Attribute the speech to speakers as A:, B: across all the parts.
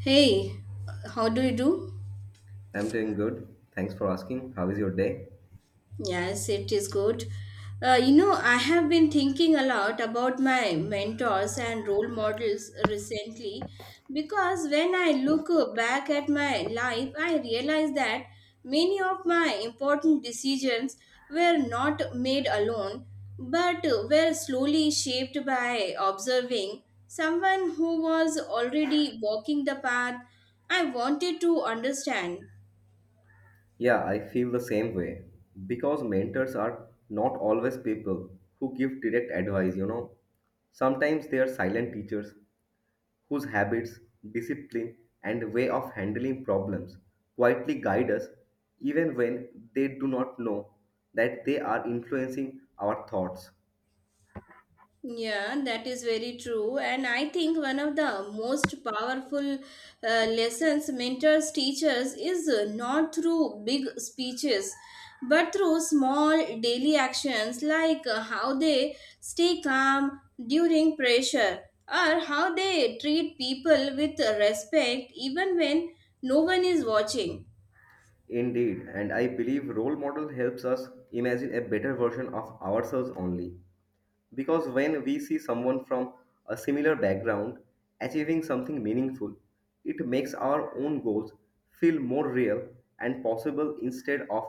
A: Hey, how do you do?
B: I'm doing good. Thanks for asking. How is your day?
A: Yes, it is good. I have been thinking a lot about my mentors and role models recently because when I look back at my life, I realize that many of my important decisions were not made alone but were slowly shaped by observing someone who was already walking the path I wanted to understand.
B: Yeah, I feel the same way. Because mentors are not always people who give direct advice, you know. Sometimes they are silent teachers whose habits, discipline, and way of handling problems quietly guide us even when they do not know that they are influencing our thoughts.
A: Yeah, that is very true. And I think one of the most powerful lessons mentors teachers is not through big speeches, but through small daily actions like how they stay calm during pressure or how they treat people with respect even when no one is watching.
B: Indeed, and I believe role model helps us imagine a better version of ourselves only. Because when we see someone from a similar background achieving something meaningful, it makes our own goals feel more real and possible instead of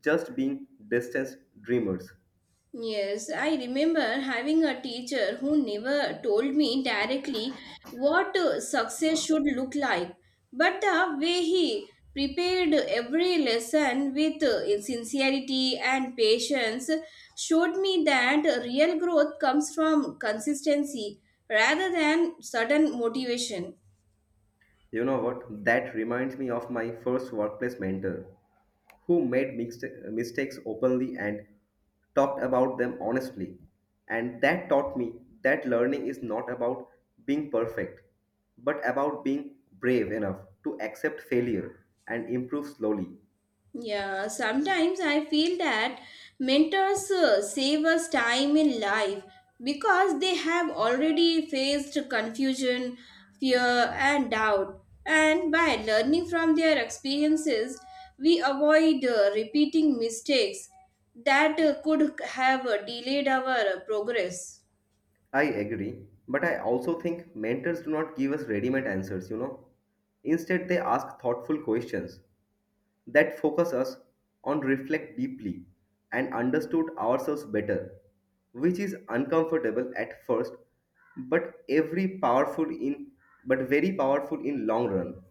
B: just being distant dreamers.
A: Yes, I remember having a teacher who never told me directly what success should look like, but the way he prepared every lesson with sincerity and patience showed me that real growth comes from consistency rather than sudden motivation.
B: You know what? That reminds me of my first workplace mentor who made mistakes openly and talked about them honestly. And that taught me that learning is not about being perfect, but about being brave enough to accept failure and improve slowly.
A: Yeah, sometimes I feel that mentors save us time in life because they have already faced confusion, fear, and doubt. And by learning from their experiences, we avoid repeating mistakes that could have delayed our progress.
B: I agree, but I also think mentors do not give us ready made answers, you know. Instead, they ask thoughtful questions that focus us on reflect deeply and understood ourselves better, which is uncomfortable at first, but every powerful in but very powerful in long run.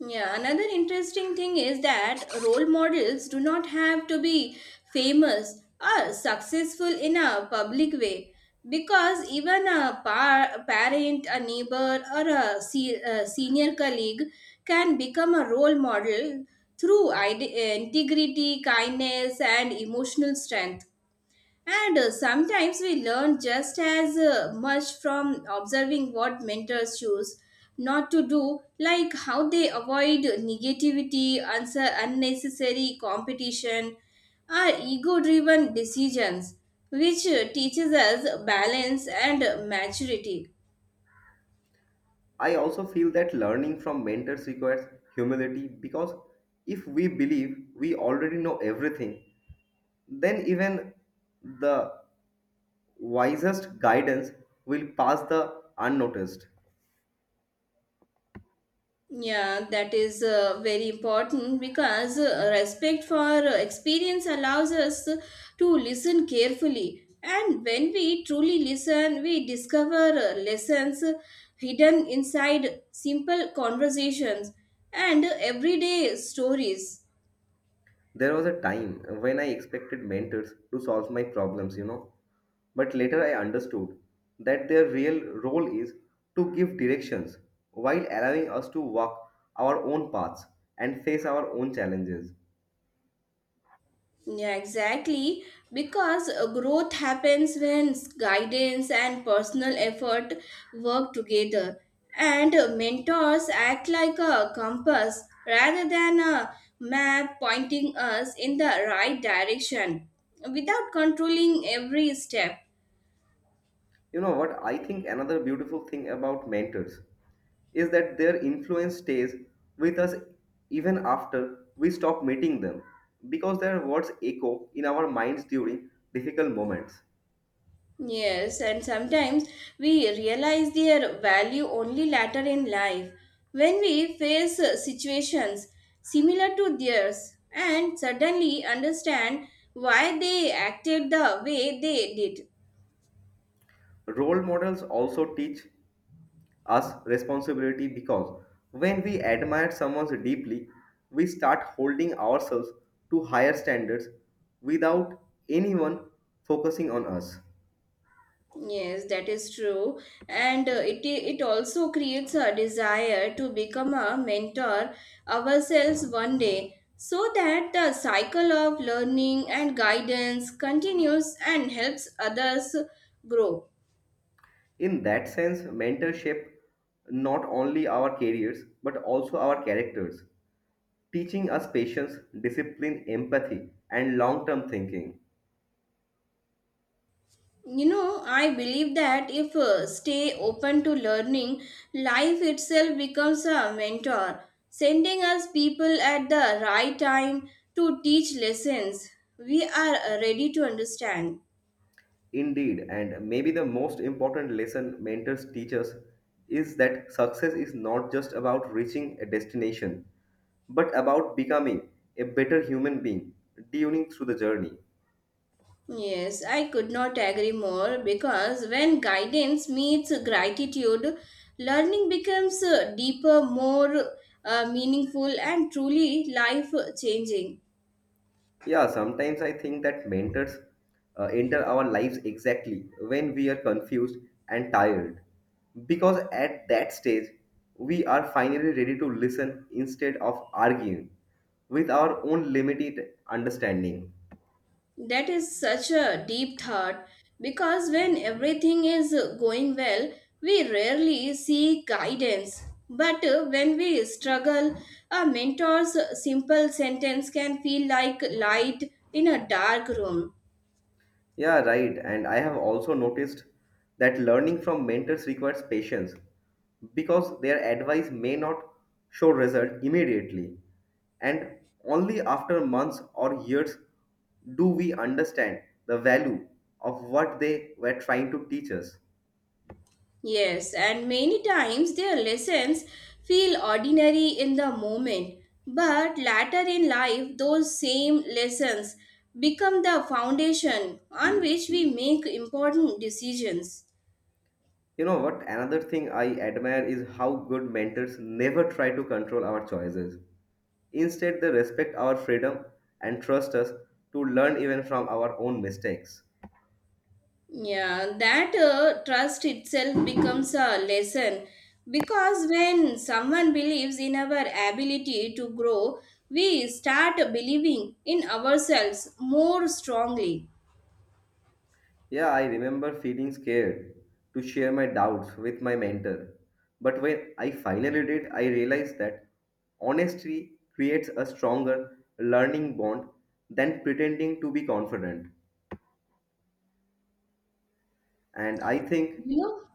A: Yeah, another interesting thing is that role models do not have to be famous or successful in a public way because even a parent, a neighbor, or a senior colleague can become a role model through integrity, kindness, and emotional strength. And sometimes we learn just as much from observing what mentors choose not to do, like how they avoid negativity, unnecessary competition, or ego driven decisions, which teaches us balance and maturity.
B: I also feel that learning from mentors requires humility because if we believe we already know everything, then even the wisest guidance will pass the unnoticed.
A: Yeah, that is very important because respect for experience allows us to listen carefully. And when we truly listen, we discover lessons hidden inside simple conversations and everyday stories.
B: There was a time when I expected mentors to solve my problems, you know, but later I understood that their real role is to give directions while allowing us to walk our own paths and face our own challenges.
A: Yeah, exactly. Because growth happens when guidance and personal effort work together, and mentors act like a compass rather than a map pointing us in the right direction without controlling every step.
B: You know what? I think another beautiful thing about mentors is that their influence stays with us even after we stop meeting them because their words echo in our minds during difficult moments.
A: Yes, and sometimes we realize their value only later in life when we face situations similar to theirs and suddenly understand why they acted the way they did.
B: Role models also teach us responsibility because when we admire someone deeply, we start holding ourselves to higher standards without anyone focusing on us.
A: Yes, that is true. And it also creates a desire to become a mentor ourselves one day so that the cycle of learning and guidance continues and helps others grow.
B: In that sense, mentorship not only our careers but also our characters, teaching us patience, discipline, empathy, and long term thinking.
A: You know, I believe that if stay open to learning, life itself becomes a mentor sending us people at the right time to teach lessons we are ready to understand.
B: Indeed, and maybe the most important lesson mentors teach us is that success is not just about reaching a destination, but about becoming a better human being, tuning through the journey.
A: Yes, I could not agree more because when guidance meets gratitude, learning becomes deeper, more meaningful, and truly life changing.
B: Yeah, sometimes I think that mentors enter our lives exactly when we are confused and tired, because at that stage, we are finally ready to listen instead of arguing with our own limited understanding.
A: That is such a deep thought because when everything is going well, we rarely seek guidance. But when we struggle, a mentor's simple sentence can feel like light in a dark room.
B: Yeah, right. And I have also noticed that learning from mentors requires patience because their advice may not show result immediately. And only after months or years do we understand the value of what they were trying to teach us.
A: Yes, and many times their lessons feel ordinary in the moment, but later in life, those same lessons become the foundation on which we make important decisions.
B: You know what? Another thing I admire is how good mentors never try to control our choices. Instead, they respect our freedom and trust us to learn even from our own mistakes.
A: Yeah, that trust itself becomes a lesson because when someone believes in our ability to grow, we start believing in ourselves more strongly.
B: Yeah, I remember feeling scared to share my doubts with my mentor. But when I finally did, I realized that honesty creates a stronger learning bond than pretending to be confident. And I think,
A: You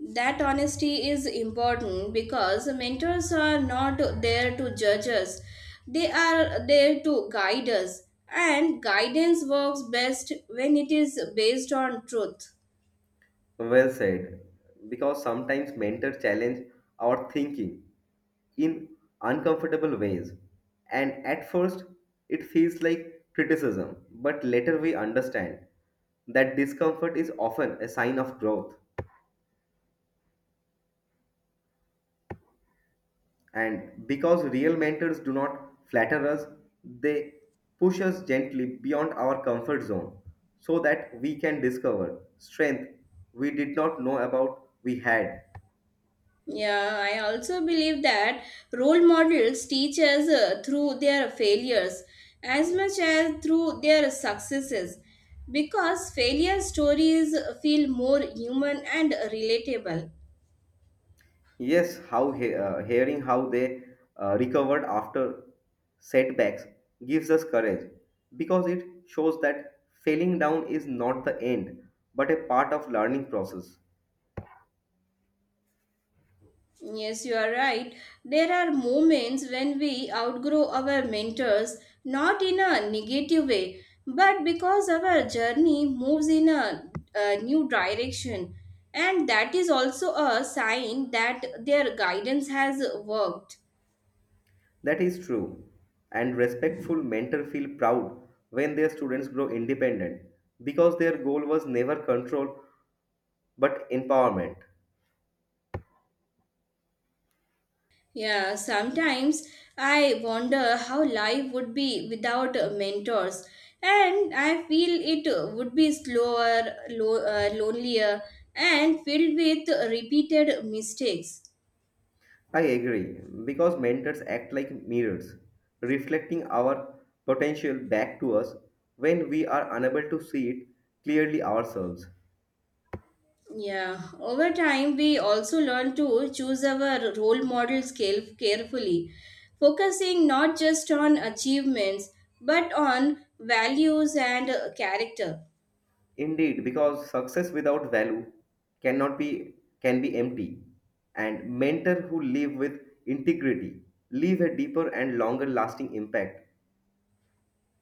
A: know, that honesty is important because mentors are not there to judge us, they are there to guide us, and guidance works best when it is based on truth.
B: well said, because sometimes mentors challenge our thinking in uncomfortable ways. And at first, it feels like criticism, but later we understand that discomfort is often a sign of growth. And because real mentors do not flatter us, they push us gently beyond our comfort zone so that we can discover strength we did not know about we had.
A: Yeah, I also believe that role models teach us through their failures as much as through their successes because failure stories feel more human and relatable.
B: Yes, how hearing how they recovered after setbacks gives us courage because it shows that failing down is not the end but a part of learning process.
A: Yes, you are right. There are moments when we outgrow our mentors, not in a negative way, but because our journey moves in a new direction. And that is also a sign that their guidance has worked.
B: That is true. And respectful mentors feel proud when their students grow independent because their goal was never control but empowerment.
A: Yeah, sometimes I wonder how life would be without mentors. And I feel it would be slower, lonelier, and filled with repeated mistakes.
B: I agree because mentors act like mirrors, reflecting our potential back to us when we are unable to see it clearly ourselves.
A: Yeah, over time, we also learn to choose our role models carefully, focusing not just on achievements but on values and character.
B: Indeed, because success without value cannot be can be empty, and mentors who live with integrity leave a deeper and longer lasting impact.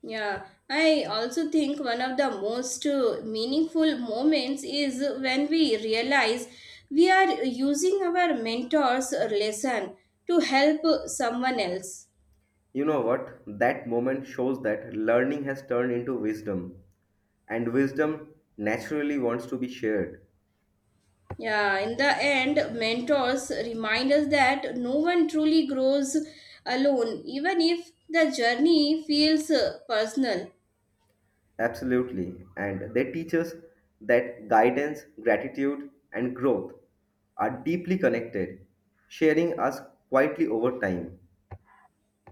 A: Yeah, I also think one of the most meaningful moments is when we realize we are using our mentor's lesson to help someone else.
B: You know what? That moment shows that learning has turned into wisdom, and wisdom naturally wants to be shared.
A: Yeah, in the end, mentors remind us that no one truly grows alone, even if the journey feels personal.
B: Absolutely. And they teach us that guidance, gratitude, and growth are deeply connected, sharing us quietly over time.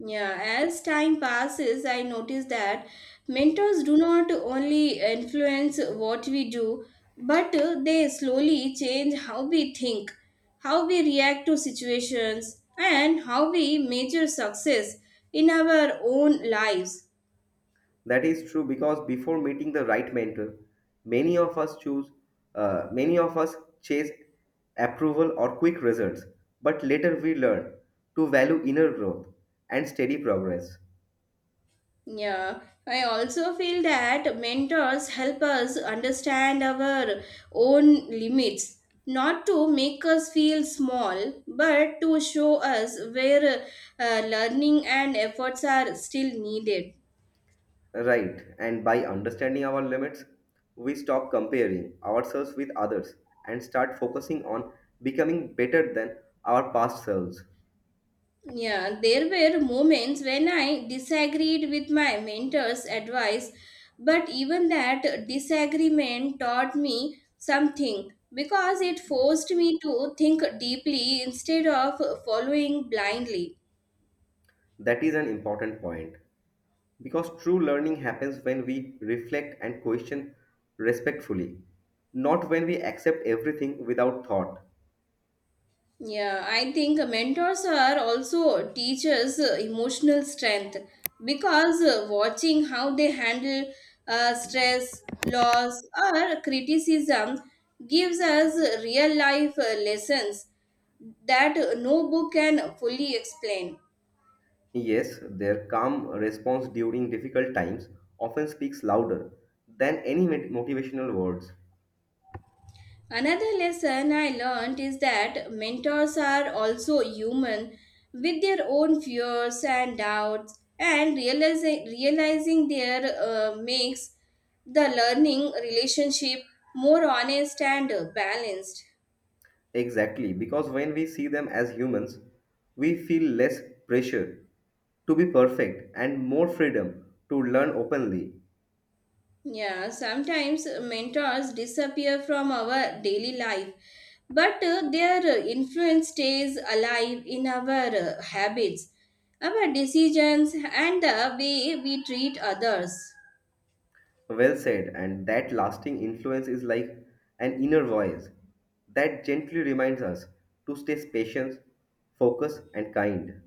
A: Yeah, as time passes, I notice that mentors do not only influence what we do, but they slowly change how we think, how we react to situations, and how we measure success in our own lives.
B: That is true because before meeting the right mentor, many of us choose, many of us chase approval or quick results, but later we learn to value inner growth and steady progress.
A: Yeah, I also feel that mentors help us understand our own limits, not to make us feel small, but to show us where learning and efforts are still needed.
B: Right, and by understanding our limits, we stop comparing ourselves with others and start focusing on becoming better than our past selves.
A: Yeah, there were moments when I disagreed with my mentor's advice, but even that disagreement taught me something because it forced me to think deeply instead of following blindly.
B: That is an important point. Because true learning happens when we reflect and question respectfully, not when we accept everything without thought.
A: Yeah, I think mentors are also teachers' emotional strength because watching how they handle stress, loss, or criticism gives us real life lessons that no book can fully explain.
B: Yes, their calm response during difficult times often speaks louder than any motivational words.
A: Another lesson I learned is that mentors are also human with their own fears and doubts, and realizing their makes the learning relationship more honest and balanced.
B: Exactly, because when we see them as humans, we feel less pressure to be perfect and more freedom to learn openly.
A: Yeah, sometimes mentors disappear from our daily life, but their influence stays alive in our habits, our decisions, and the way we treat others.
B: Well said, and that lasting influence is like an inner voice that gently reminds us to stay patient, focused, and kind.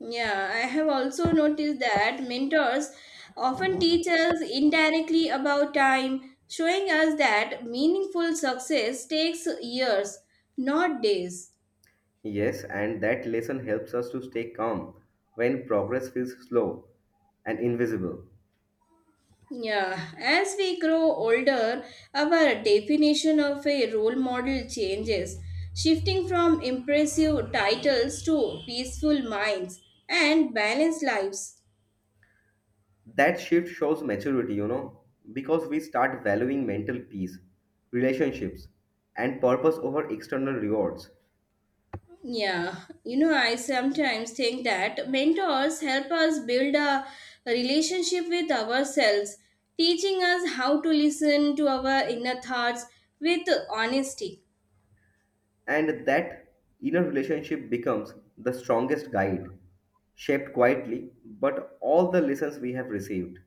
A: Yeah, I have also noticed that mentors often teach us indirectly about time, showing us that meaningful success takes years, not days.
B: Yes, and that lesson helps us to stay calm when progress feels slow and invisible.
A: Yeah, as we grow older, our definition of a role model changes, shifting from impressive titles to peaceful minds and balanced lives.
B: That shift shows maturity, you know, because we start valuing mental peace, relationships, and purpose over external rewards.
A: Yeah, I sometimes think that mentors help us build a relationship with ourselves, teaching us how to listen to our inner thoughts with honesty.
B: And that inner relationship becomes the strongest guide, shaped quietly, but all the lessons we have received.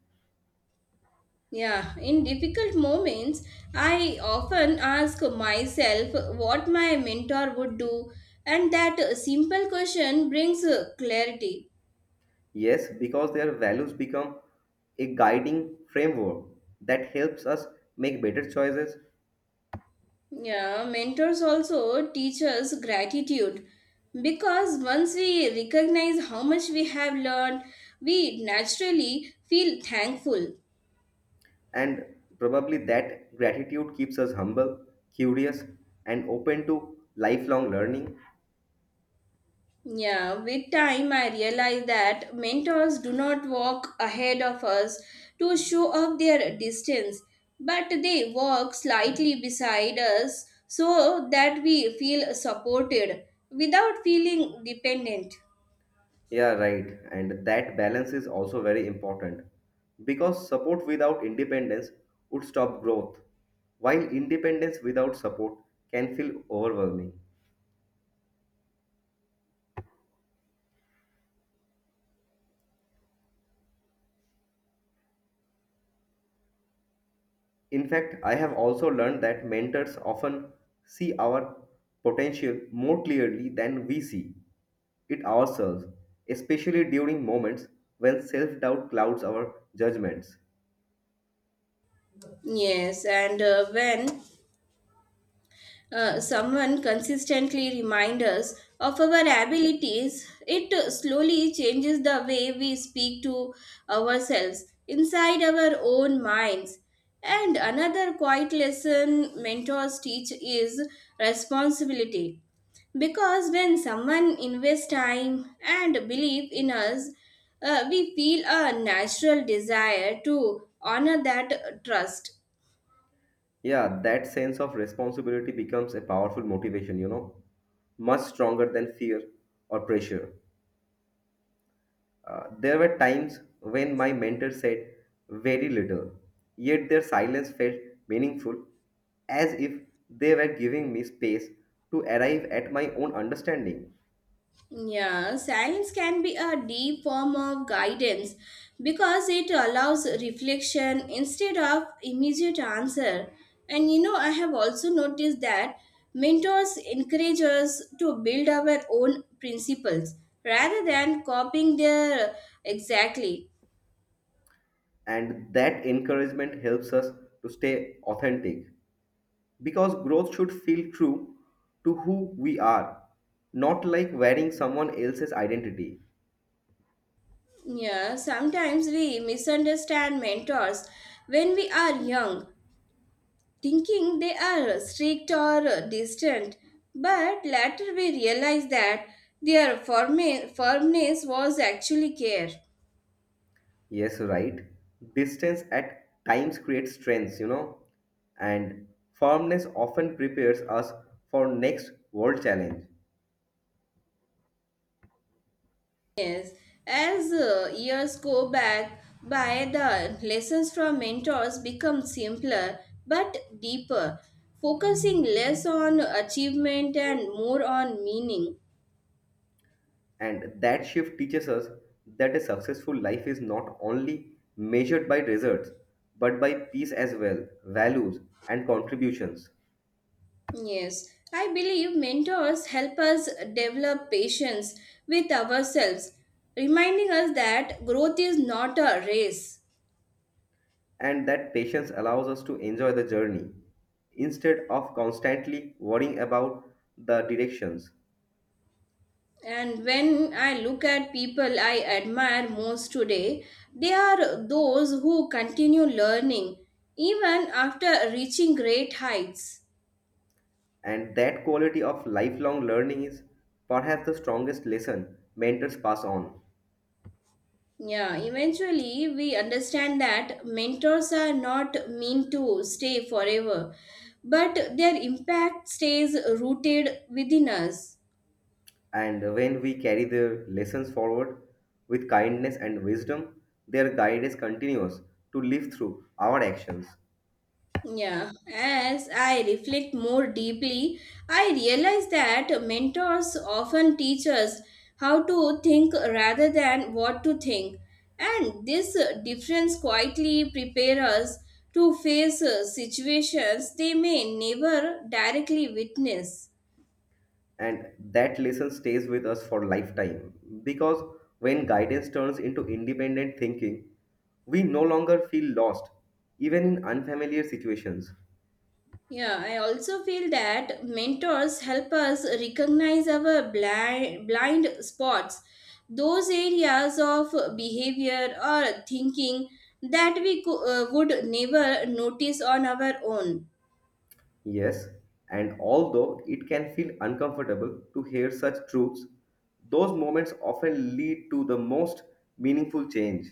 A: Yeah, in difficult moments, I often ask myself what my mentor would do, and that simple question brings clarity.
B: Yes, because their values become a guiding framework that helps us make better choices,
A: Yeah, mentors also teach us gratitude because once we recognize how much we have learned, we naturally feel thankful.
B: and probably that gratitude keeps us humble, curious, and open to lifelong learning.
A: Yeah, with time, I realized that mentors do not walk ahead of us to show off their distance, but they walk slightly beside us so that we feel supported without feeling dependent.
B: Yeah, right. And that balance is also very important because support without independence would stop growth, while independence without support can feel overwhelming. In fact, I have also learned that mentors often see our potential more clearly than we see it ourselves, especially during moments when self doubt clouds our judgments.
A: Yes, and when someone consistently reminds us of our abilities, it slowly changes the way we speak to ourselves inside our own minds. And another quiet lesson mentors teach is responsibility. Because when someone invests time and belief in us, we feel a natural desire to honor that trust.
B: Yeah, that sense of responsibility becomes a powerful motivation, you know, much stronger than fear or pressure. There were times when my mentor said very little, yet their silence felt meaningful, as if they were giving me space to arrive at my own understanding.
A: Yeah, silence can be a deep form of guidance because it allows reflection instead of immediate answer. And you know, I have also noticed that mentors encourage us to build our own principles rather than copying their exactly.
B: And that encouragement helps us to stay authentic because growth should feel true to who we are, not like wearing someone else's identity.
A: Yeah, sometimes we misunderstand mentors when we are young thinking they are strict or distant, but later we realize that their firmness was actually care.
B: Yes, right. Distance at times creates strengths, you know, and firmness often prepares us for next world challenge.
A: Yes, as years go back by, the lessons from mentors become simpler but deeper, focusing less on achievement and more on meaning.
B: And that shift teaches us that a successful life is not only measured by results, but by peace as well, values, and contributions.
A: Yes, I believe mentors help us develop patience with ourselves, reminding us that growth is not a race.
B: And that patience allows us to enjoy the journey instead of constantly worrying about the directions.
A: And when I look at people I admire most today, they are those who continue learning even after reaching great heights.
B: And that quality of lifelong learning is perhaps the strongest lesson mentors pass on.
A: Yeah, eventually we understand that mentors are not meant to stay forever, but their impact stays rooted within us.
B: And when we carry their lessons forward with kindness and wisdom, their guidance continues to live through our actions.
A: Yeah, as I reflect more deeply, I realize that mentors often teach us how to think rather than what to think, and this difference quietly prepares us to face situations they may never directly witness.
B: And that lesson stays with us for lifetime. Because when guidance turns into independent thinking, we no longer feel lost, even in unfamiliar situations.
A: Yeah, I also feel that mentors help us recognize our blind spots, those areas of behavior or thinking that would never notice on our own.
B: Yes, and although it can feel uncomfortable to hear such truths, those moments often lead to the most meaningful change.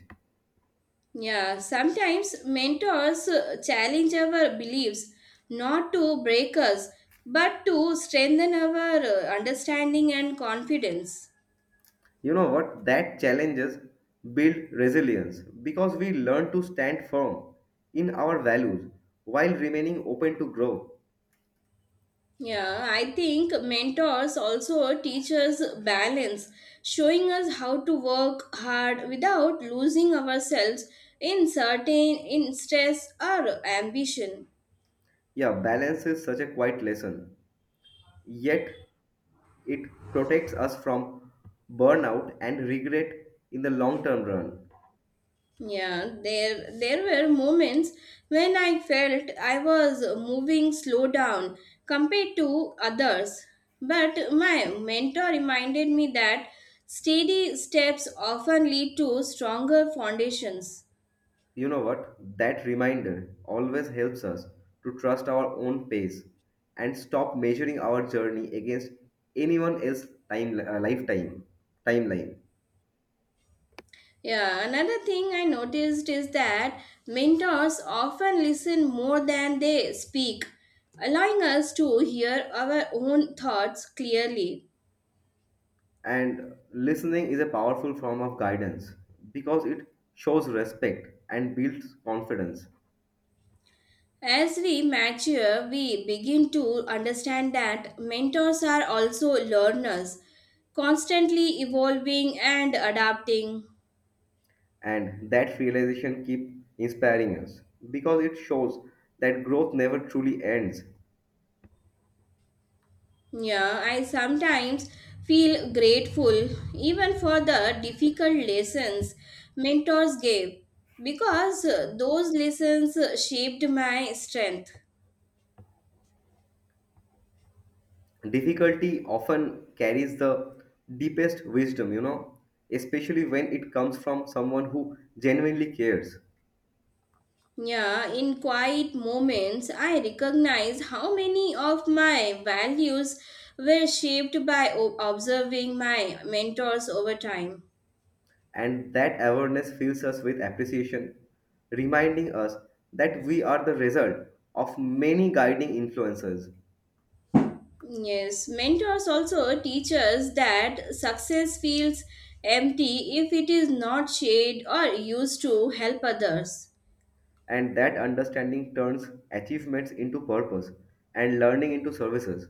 A: Yeah, sometimes mentors challenge our beliefs not to break us but to strengthen our understanding and confidence.
B: You know what? That challenges build resilience because we learn to stand firm in our values while remaining open to growth.
A: Yeah, I think mentors also teach us balance, showing us how to work hard without losing ourselves in certain in stress or ambition.
B: Yeah, balance is such a quiet lesson, yet it protects us from burnout and regret in the long term run.
A: Yeah, there were moments when I felt I was moving slow down compared to others, but my mentor reminded me that steady steps often lead to stronger foundations.
B: You know what? That reminder always helps us to trust our own pace and stop measuring our journey against anyone else's timeline.
A: Yeah, another thing I noticed is that mentors often listen more than they speak, allowing us to hear our own thoughts clearly.
B: And listening is a powerful form of guidance because it shows respect and builds confidence.
A: As we mature, we begin to understand that mentors are also learners, constantly evolving and adapting.
B: And that realization keeps inspiring us because it shows that growth never truly ends.
A: Yeah, I sometimes feel grateful even for the difficult lessons mentors gave because those lessons shaped my strength.
B: Difficulty often carries the deepest wisdom, you know, especially when it comes from someone who genuinely cares.
A: Yeah, in quiet moments, I recognize how many of my values were shaped by observing my mentors over time.
B: And that awareness fills us with appreciation, reminding us that we are the result of many guiding influences.
A: Yes, mentors also teach us that success feels empty if it is not shared or used to help others.
B: And that understanding turns achievements into purpose and learning into services.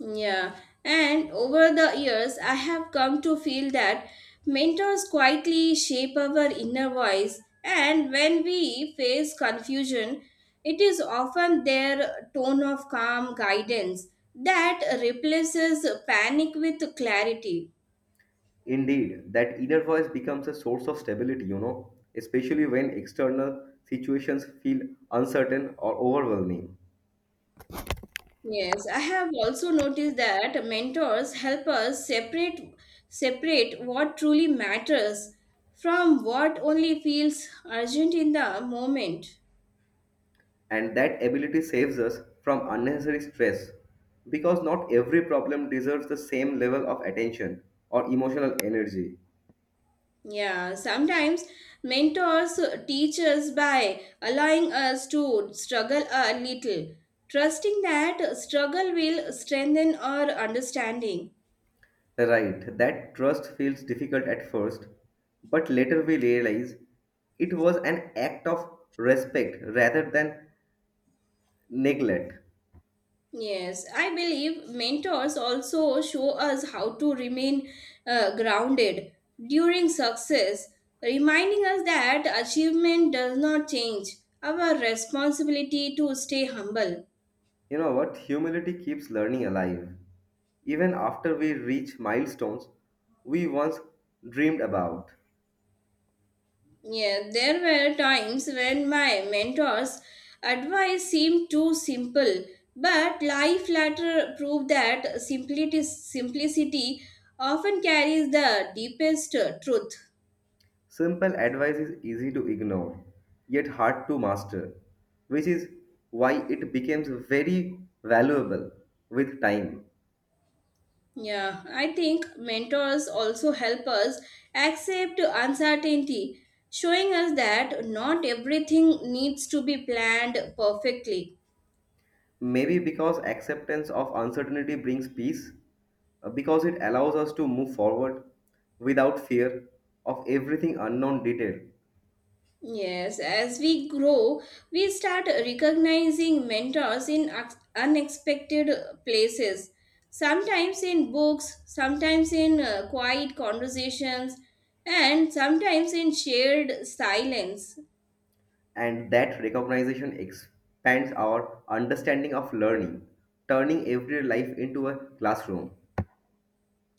A: Yeah, and over the years, I have come to feel that mentors quietly shape our inner voice, and when we face confusion, it is often their tone of calm guidance that replaces panic with clarity.
B: Indeed, that inner voice becomes a source of stability, you know, especially when external situations feel uncertain or overwhelming.
A: Yes, I have also noticed that mentors help us separate what truly matters from what only feels urgent in the moment.
B: And that ability saves us from unnecessary stress because not every problem deserves the same level of attention or emotional energy.
A: Yeah, sometimes mentors teach us by allowing us to struggle a little, trusting that struggle will strengthen our understanding.
B: Right, that trust feels difficult at first, but later we realize it was an act of respect rather than neglect.
A: Yes, I believe mentors also show us how to remain grounded during success, reminding us that achievement does not change our responsibility to stay humble.
B: You know what? Humility keeps learning alive. Even after we reach milestones we once dreamed about,
A: Yeah, there were times when my mentor's advice seemed too simple, but life later proved that simplicity often carries the deepest truth.
B: simple advice is easy to ignore, yet hard to master, which is why it becomes very valuable with time.
A: Yeah, I think mentors also help us accept uncertainty, showing us that not everything needs to be planned perfectly.
B: Maybe because acceptance of uncertainty brings peace, because it allows us to move forward without fear of everything unknown detail.
A: Yes, as we grow, we start recognizing mentors in unexpected places, sometimes in books, sometimes in quiet conversations, and sometimes in shared silence.
B: And that recognition expands our understanding of learning, turning everyday life into a classroom.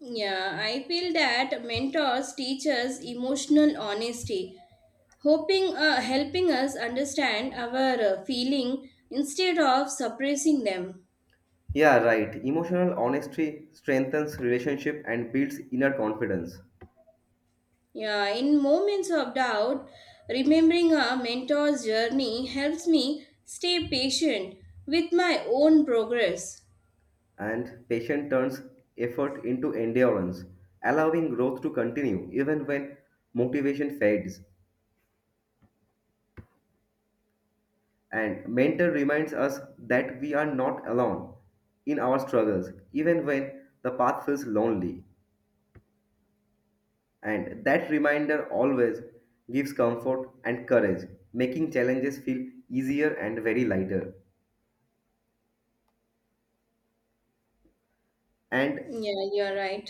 A: Yeah, I feel that mentors teach us emotional honesty, hoping helping us understand our feeling instead of suppressing them.
B: Yeah, right. Emotional honesty strengthens relationship and builds inner confidence.
A: Yeah, in moments of doubt, remembering a mentor's journey helps me stay patient with my own progress.
B: And patience turns effort into endurance, allowing growth to continue even when motivation fades. And mentor reminds us that we are not alone in our struggles, even when the path feels lonely. And that reminder always gives comfort and courage, making challenges feel easier and very lighter. And
A: Yeah, you're right.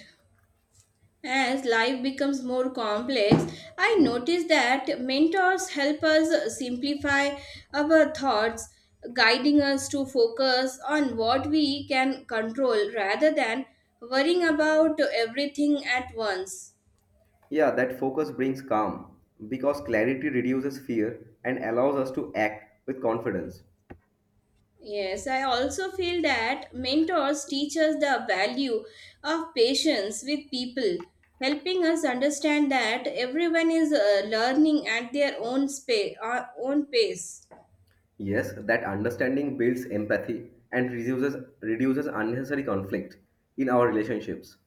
A: As life becomes more complex, I notice that mentors help us simplify our thoughts, guiding us to focus on what we can control rather than worrying about everything at once.
B: yeah, that focus brings calm because clarity reduces fear and allows us to act with confidence.
A: Yes, I also feel that mentors teach us the value of patience with people, helping us understand that everyone is learning at their own pace.
B: Yes, that understanding builds empathy and reduces unnecessary conflict in our relationships.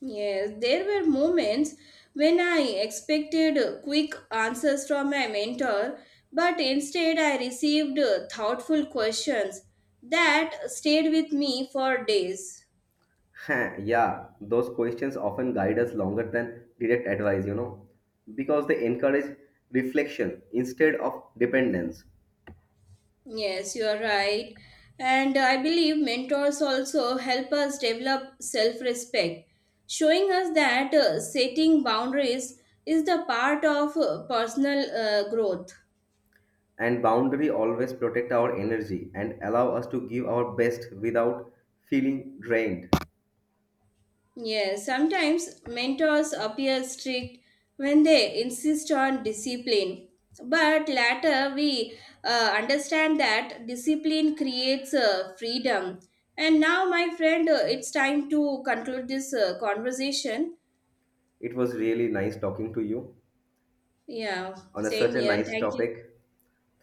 A: Yes, there were moments when I expected quick answers from my mentor, but instead I received thoughtful questions that stayed with me for days.
B: Yeah, those questions often guide us longer than direct advice, you know, because they encourage reflection instead of dependence.
A: Yes, you are right. And I believe mentors also help us develop self respect, showing us that setting boundaries is the part of personal growth.
B: And boundary always protect our energy and allow us to give our best without feeling drained.
A: Yes, sometimes mentors appear strict when they insist on discipline. But later we understand that discipline creates freedom. And now, my friend, it's time to conclude this conversation.
B: It was really nice talking to you
A: Yeah,
B: on a,
A: same
B: such a
A: here.
B: nice
A: Thank you.
B: topic.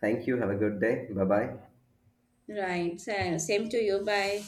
B: Thank you. Have a good day. Bye bye.
A: Right, same to you. Bye.